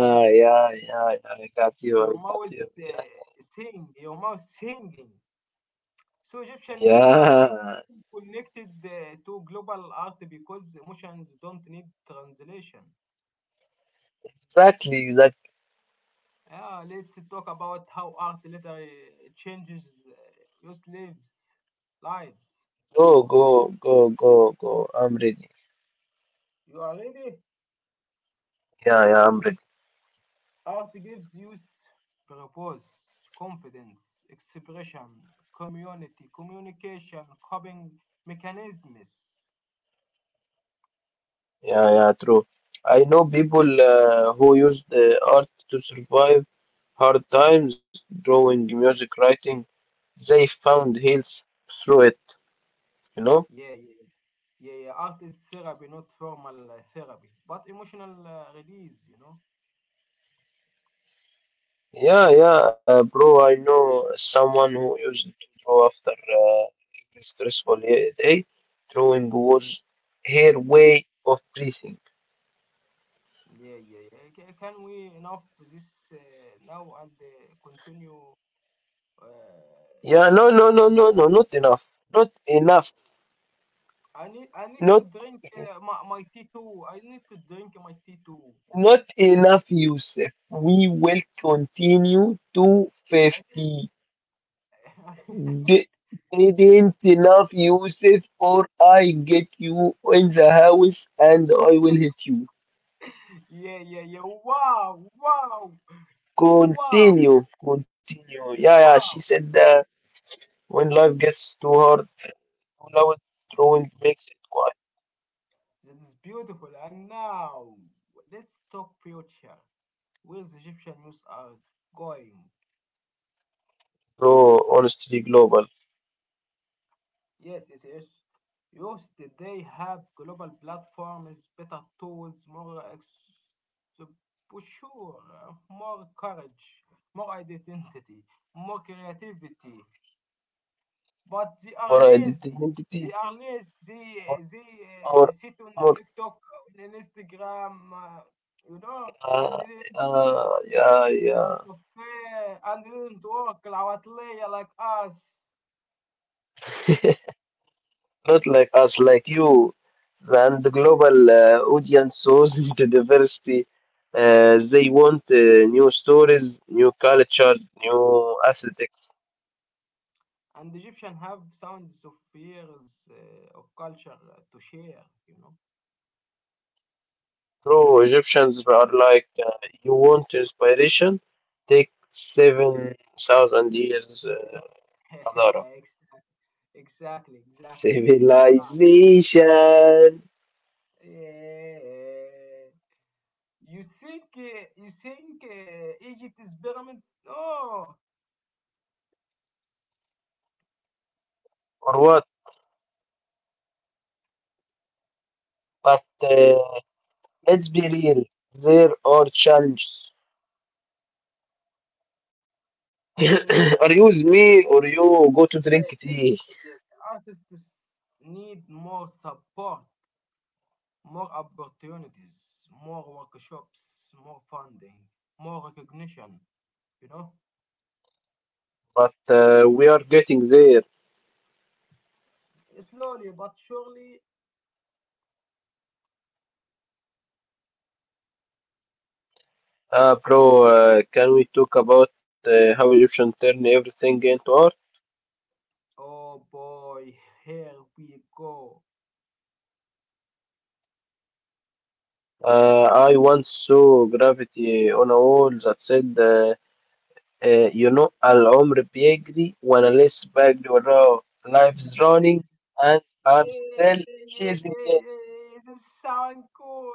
[SPEAKER 1] drink.
[SPEAKER 2] yeah, yeah, yeah, I got you. I
[SPEAKER 1] Your
[SPEAKER 2] got
[SPEAKER 1] mouth
[SPEAKER 2] you. Yeah,
[SPEAKER 1] uh, sing. Your mouth singing. So Egyptian youth like you
[SPEAKER 2] yeah.
[SPEAKER 1] feel connected to global art because emotions don't need translation.
[SPEAKER 2] Exactly. Like,
[SPEAKER 1] Yeah, let's talk about how art literally changes your lives. Lives.
[SPEAKER 2] go, go, go, go, go. I'm ready.
[SPEAKER 1] You are ready?
[SPEAKER 2] Yeah, yeah, I'm ready.
[SPEAKER 1] Art gives you purpose, confidence, expression, community, communication, coping mechanisms.
[SPEAKER 2] Yeah, yeah, true. I know people who use the art to survive hard times, drawing, music writing, they found health through it, you know?
[SPEAKER 1] Yeah, yeah, yeah, yeah. Art is therapy, not formal therapy, but emotional release. You know.
[SPEAKER 2] Yeah, yeah, bro, I know someone who used to draw after every stressful ye- day. Drawing was her way of breathing.
[SPEAKER 1] Yeah, yeah, yeah. Can we enough this now and continue? Uh,
[SPEAKER 2] Yeah, no, no, no, no, no, not enough. Not enough.
[SPEAKER 1] I need
[SPEAKER 2] Not
[SPEAKER 1] to drink my tea too. I need to drink my tea too.
[SPEAKER 2] not enough, Yusuf. We will continue to
[SPEAKER 1] I
[SPEAKER 2] 50.
[SPEAKER 1] need...
[SPEAKER 2] They, they didn't enough, Yusuf, or I get you in the house and I will hit you.
[SPEAKER 1] yeah yeah yeah. Wow wow wow
[SPEAKER 2] Continue, continue. Yeah, yeah, she
[SPEAKER 1] wow.
[SPEAKER 2] said that when life gets too hard, too loud, drawing makes it quiet.
[SPEAKER 1] That is beautiful. And now let's talk future. Where's Egyptian news are going?
[SPEAKER 2] So, honestly, global.
[SPEAKER 1] Yes, yes, yes. Youth today have global platforms, better tools, more exposure, more courage, more identity, more creativity. But they are
[SPEAKER 2] Or
[SPEAKER 1] lazy.
[SPEAKER 2] identity,
[SPEAKER 1] They are lazy. They,
[SPEAKER 2] or,
[SPEAKER 1] they uh,
[SPEAKER 2] or,
[SPEAKER 1] sit on
[SPEAKER 2] or,
[SPEAKER 1] TikTok, on Instagram, you know, and
[SPEAKER 2] uh,
[SPEAKER 1] they didn't
[SPEAKER 2] yeah,
[SPEAKER 1] on
[SPEAKER 2] yeah.
[SPEAKER 1] cafe, and they didn't work العواطلية like us.
[SPEAKER 2] not like us, like you, and the global audience shows the diversity. They want new stories, new cultures, new aesthetics.
[SPEAKER 1] And Egyptian have sounds of years of culture to share, you know.
[SPEAKER 2] True, Egyptians are like, you want inspiration? Take 7,000 years, Hadara.
[SPEAKER 1] Exactly, exactly. Hatta.
[SPEAKER 2] Civilization!
[SPEAKER 1] Eh, you think Egypt pyramids? No.
[SPEAKER 2] Or what? But let's be real, there are challenges. or
[SPEAKER 1] Mm,
[SPEAKER 2] use me or you go to drink
[SPEAKER 1] yeah, yeah,
[SPEAKER 2] tea.
[SPEAKER 1] yeah. Artists need more support, more opportunities, more workshops, more funding, more recognition. You know,
[SPEAKER 2] But we are getting there.
[SPEAKER 1] slowly but surely,
[SPEAKER 2] Bro, can we talk about how Egyptian turn everything into art?
[SPEAKER 1] oh boy, here we go.
[SPEAKER 2] I once saw graffiti on a wall that said, you know, العمر بيجري وأنا لسه بجري وراه. Life's running and
[SPEAKER 1] Yeah,
[SPEAKER 2] I'm
[SPEAKER 1] yeah,
[SPEAKER 2] still
[SPEAKER 1] yeah,
[SPEAKER 2] chasing
[SPEAKER 1] yeah,
[SPEAKER 2] it.
[SPEAKER 1] yeah. This sound cool.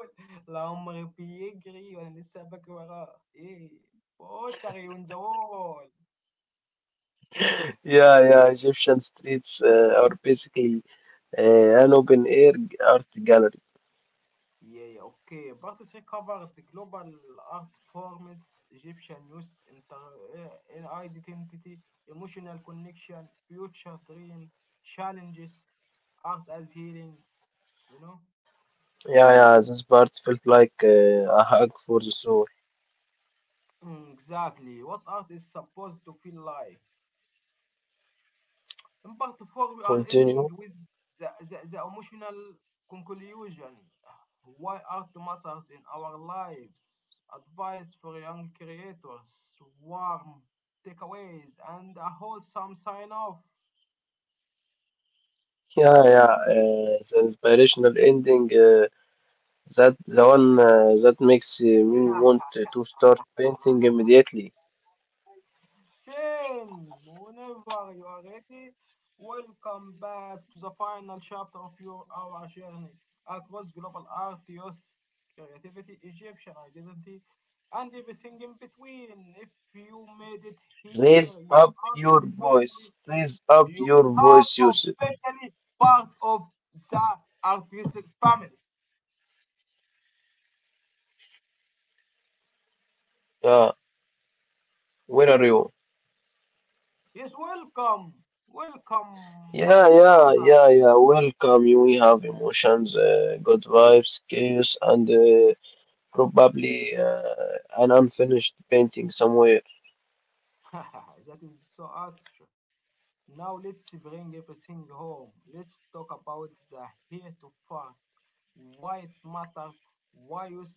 [SPEAKER 1] العمر بيجري وانا لسه بجري ايه Potter on the wall.
[SPEAKER 2] Yeah, yeah, Egyptian streets are basically an open air g- art gallery.
[SPEAKER 1] Yeah, yeah, okay. Bartis recovered the global art forms, Egyptian youth, inter identity, emotional connection, future dream, challenges, art as healing, you know?
[SPEAKER 2] Yeah, yeah, this part felt like a hug for the soul.
[SPEAKER 1] Mm, exactly. What art is supposed to feel like? In part 4, we are
[SPEAKER 2] Continue.
[SPEAKER 1] ending with the emotional conclusion. Why art matters in our lives, advice for young creators, warm takeaways, and a wholesome sign off.
[SPEAKER 2] Yeah, yeah, the inspirational ending, that the one that makes me want to start painting immediately.
[SPEAKER 1] Same! Whenever you are ready, welcome back to the final chapter of your our journey across global art, youth, creativity, Egyptian identity, and everything in between. If you made it
[SPEAKER 2] Raise
[SPEAKER 1] here,
[SPEAKER 2] up your voice. Raise up
[SPEAKER 1] you
[SPEAKER 2] your
[SPEAKER 1] are
[SPEAKER 2] voice, Yusuf.
[SPEAKER 1] officially part of the artistic family.
[SPEAKER 2] Yeah, where are you?
[SPEAKER 1] Yes, welcome, welcome, my
[SPEAKER 2] Yeah, yeah,
[SPEAKER 1] brother.
[SPEAKER 2] yeah, yeah. Welcome. You- We have emotions, good vibes, chaos, and probably an unfinished painting somewhere.
[SPEAKER 1] That is so actual. Now let's bring everything home. Let's talk about the here to fart, why it matters, why you're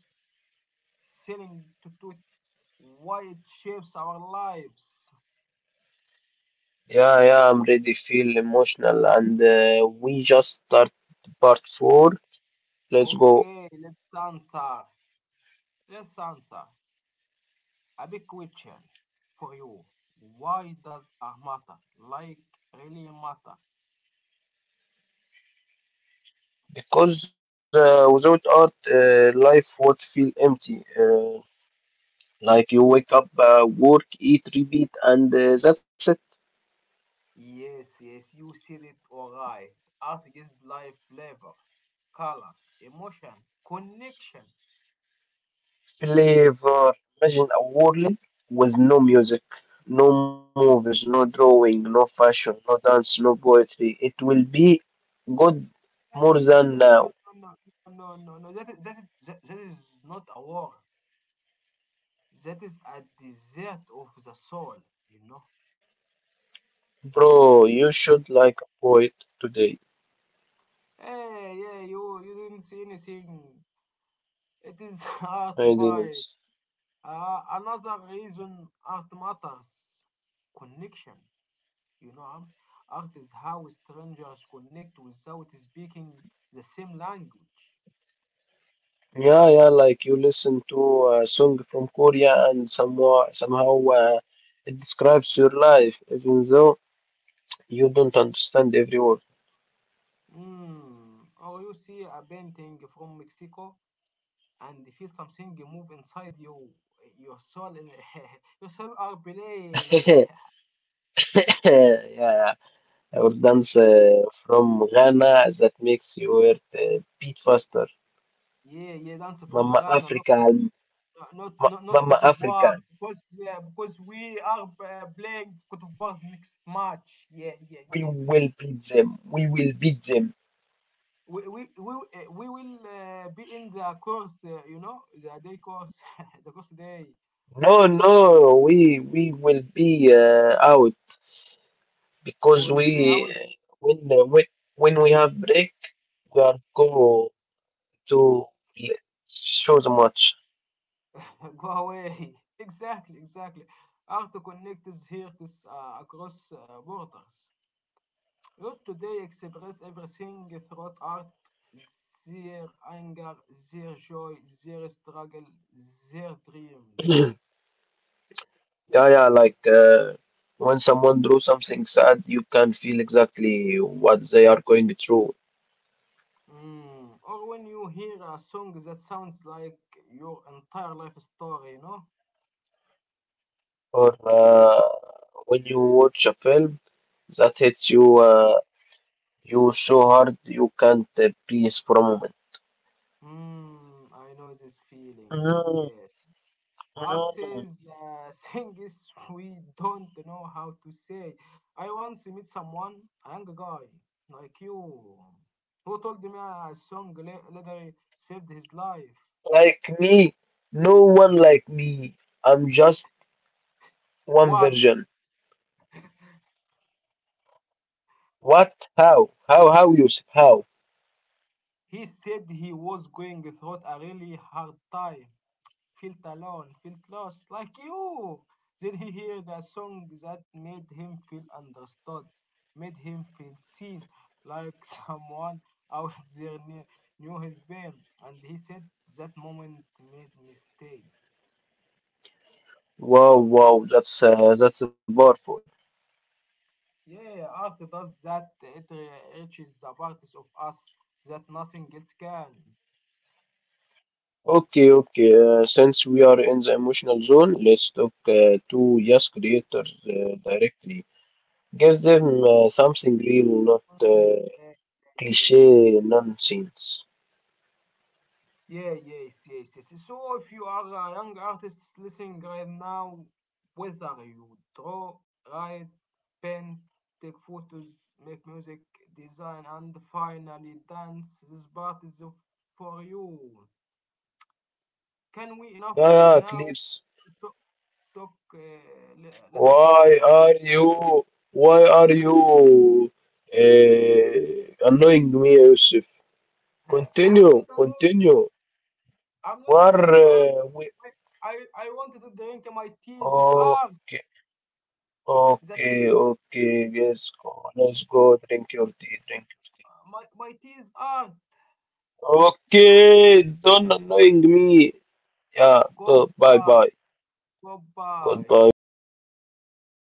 [SPEAKER 1] selling to do it, why it shapes our lives.
[SPEAKER 2] Yeah, yeah, I'm ready. Feel emotional, and we just start part four. Let's go.
[SPEAKER 1] Okay, let's answer. Let's answer. A big question for you. Why does our matter? Like really matter?
[SPEAKER 2] Because without art, life would feel empty. Like you wake up, work, eat, repeat, and that's it.
[SPEAKER 1] Yes, yes, you said it all right. Art gives life flavor, color, emotion, connection.
[SPEAKER 2] Flavor. Imagine a world with no music, no movies, no drawing, no fashion, no dance, no poetry. It will be good
[SPEAKER 1] That is,
[SPEAKER 2] more than
[SPEAKER 1] the-
[SPEAKER 2] now.
[SPEAKER 1] no, no, no, no, no, no. That is, that is, that that is not a war. That is a desert of the soul, you know.
[SPEAKER 2] Bro, you should like a poet today.
[SPEAKER 1] Hey, yeah, you didn't see anything. It is art
[SPEAKER 2] I didn't.
[SPEAKER 1] vibes. Another reason art matters. Connection, you know. Um, art is how strangers connect without speaking the same language.
[SPEAKER 2] Yeah, yeah, like you listen to a song from Korea and somehow, it describes your life, even though you don't understand every word.
[SPEAKER 1] Mm. Or you see a painting from Mexico and feel something move inside you. Your soul and your soul are playing.
[SPEAKER 2] yeah, yeah. Or dance from Ghana that makes your beat faster.
[SPEAKER 1] Yeah, yeah, dance
[SPEAKER 2] Mama
[SPEAKER 1] from Ghana,
[SPEAKER 2] Africa, ma
[SPEAKER 1] Not
[SPEAKER 2] Mama
[SPEAKER 1] Cote
[SPEAKER 2] Africa,
[SPEAKER 1] d'Ivoire, because we are playing Cote d'Ivoire's next match. Yeah, yeah,
[SPEAKER 2] we
[SPEAKER 1] yeah, yeah.
[SPEAKER 2] will beat them. We will beat them.
[SPEAKER 1] We will be in the course, you know, the day course, the course day.
[SPEAKER 2] No, no, we will be out. Because
[SPEAKER 1] We'll
[SPEAKER 2] we
[SPEAKER 1] be out,
[SPEAKER 2] when uh, when when we have break, we are go to show the match.
[SPEAKER 1] go away. Exactly, exactly. How to connect is here, this across borders. Youth today express everything through art, their anger, their joy, their struggle, their dreams.
[SPEAKER 2] yeah, yeah, when someone do something sad, you can feel exactly what they are going through.
[SPEAKER 1] Mm. Or when you hear a song that sounds like your entire life story, you know?
[SPEAKER 2] Or when you watch a film that hits you, you so hard you can't breathe for a moment.
[SPEAKER 1] Mm, I know this feeling.
[SPEAKER 2] Mm,
[SPEAKER 1] Yes.
[SPEAKER 2] mm.
[SPEAKER 1] Artists, things we don't know how to say. I once met someone, a young guy like you, who told me a song later saved his life.
[SPEAKER 2] Like me, no one like me. I'm just one
[SPEAKER 1] One,
[SPEAKER 2] version. What? How? How? How, Yusuf? How?
[SPEAKER 1] he said he was going through a really hard time, felt alone, felt lost, like you. Then he heard a song that made him feel understood, made him feel seen, like someone out there knew, knew his pain. And he said, that moment made me stay.
[SPEAKER 2] Wow, wow, that's powerful.
[SPEAKER 1] Yeah, art does that, it reaches the parts of us that nothing else can.
[SPEAKER 2] Okay, okay. Since we are in the emotional zone, let's talk to yes creators directly. Give them something real, not
[SPEAKER 1] Mm,
[SPEAKER 2] uh,
[SPEAKER 1] yeah, yeah, yeah,
[SPEAKER 2] cliche
[SPEAKER 1] yeah.
[SPEAKER 2] nonsense.
[SPEAKER 1] Yeah, yes, yes, yes. So if you are a young artist listening right now, whether you draw, write, paint, take photos, make music, design, and finally dance, this part is for you. Can we enough
[SPEAKER 2] Yeah, yeah,
[SPEAKER 1] now
[SPEAKER 2] clips.
[SPEAKER 1] to talk, talk later?
[SPEAKER 2] Why are you? Why are you annoying me, Yusuf?
[SPEAKER 1] I'm not
[SPEAKER 2] Continue,
[SPEAKER 1] annoying you.
[SPEAKER 2] continue.
[SPEAKER 1] I'm not annoying you. i
[SPEAKER 2] Where we?
[SPEAKER 1] I wanted to drink my tea. It is art.
[SPEAKER 2] Okay.
[SPEAKER 1] The tea is
[SPEAKER 2] Okay, okay, yes, go. Let's go. Drink your tea, drink your tea.
[SPEAKER 1] my tea is art. You know,
[SPEAKER 2] Okay, don't annoying me. Yeah, go. Bye,
[SPEAKER 1] goodbye.
[SPEAKER 2] bye.
[SPEAKER 1] Goodbye
[SPEAKER 2] Goodbye, goodbye.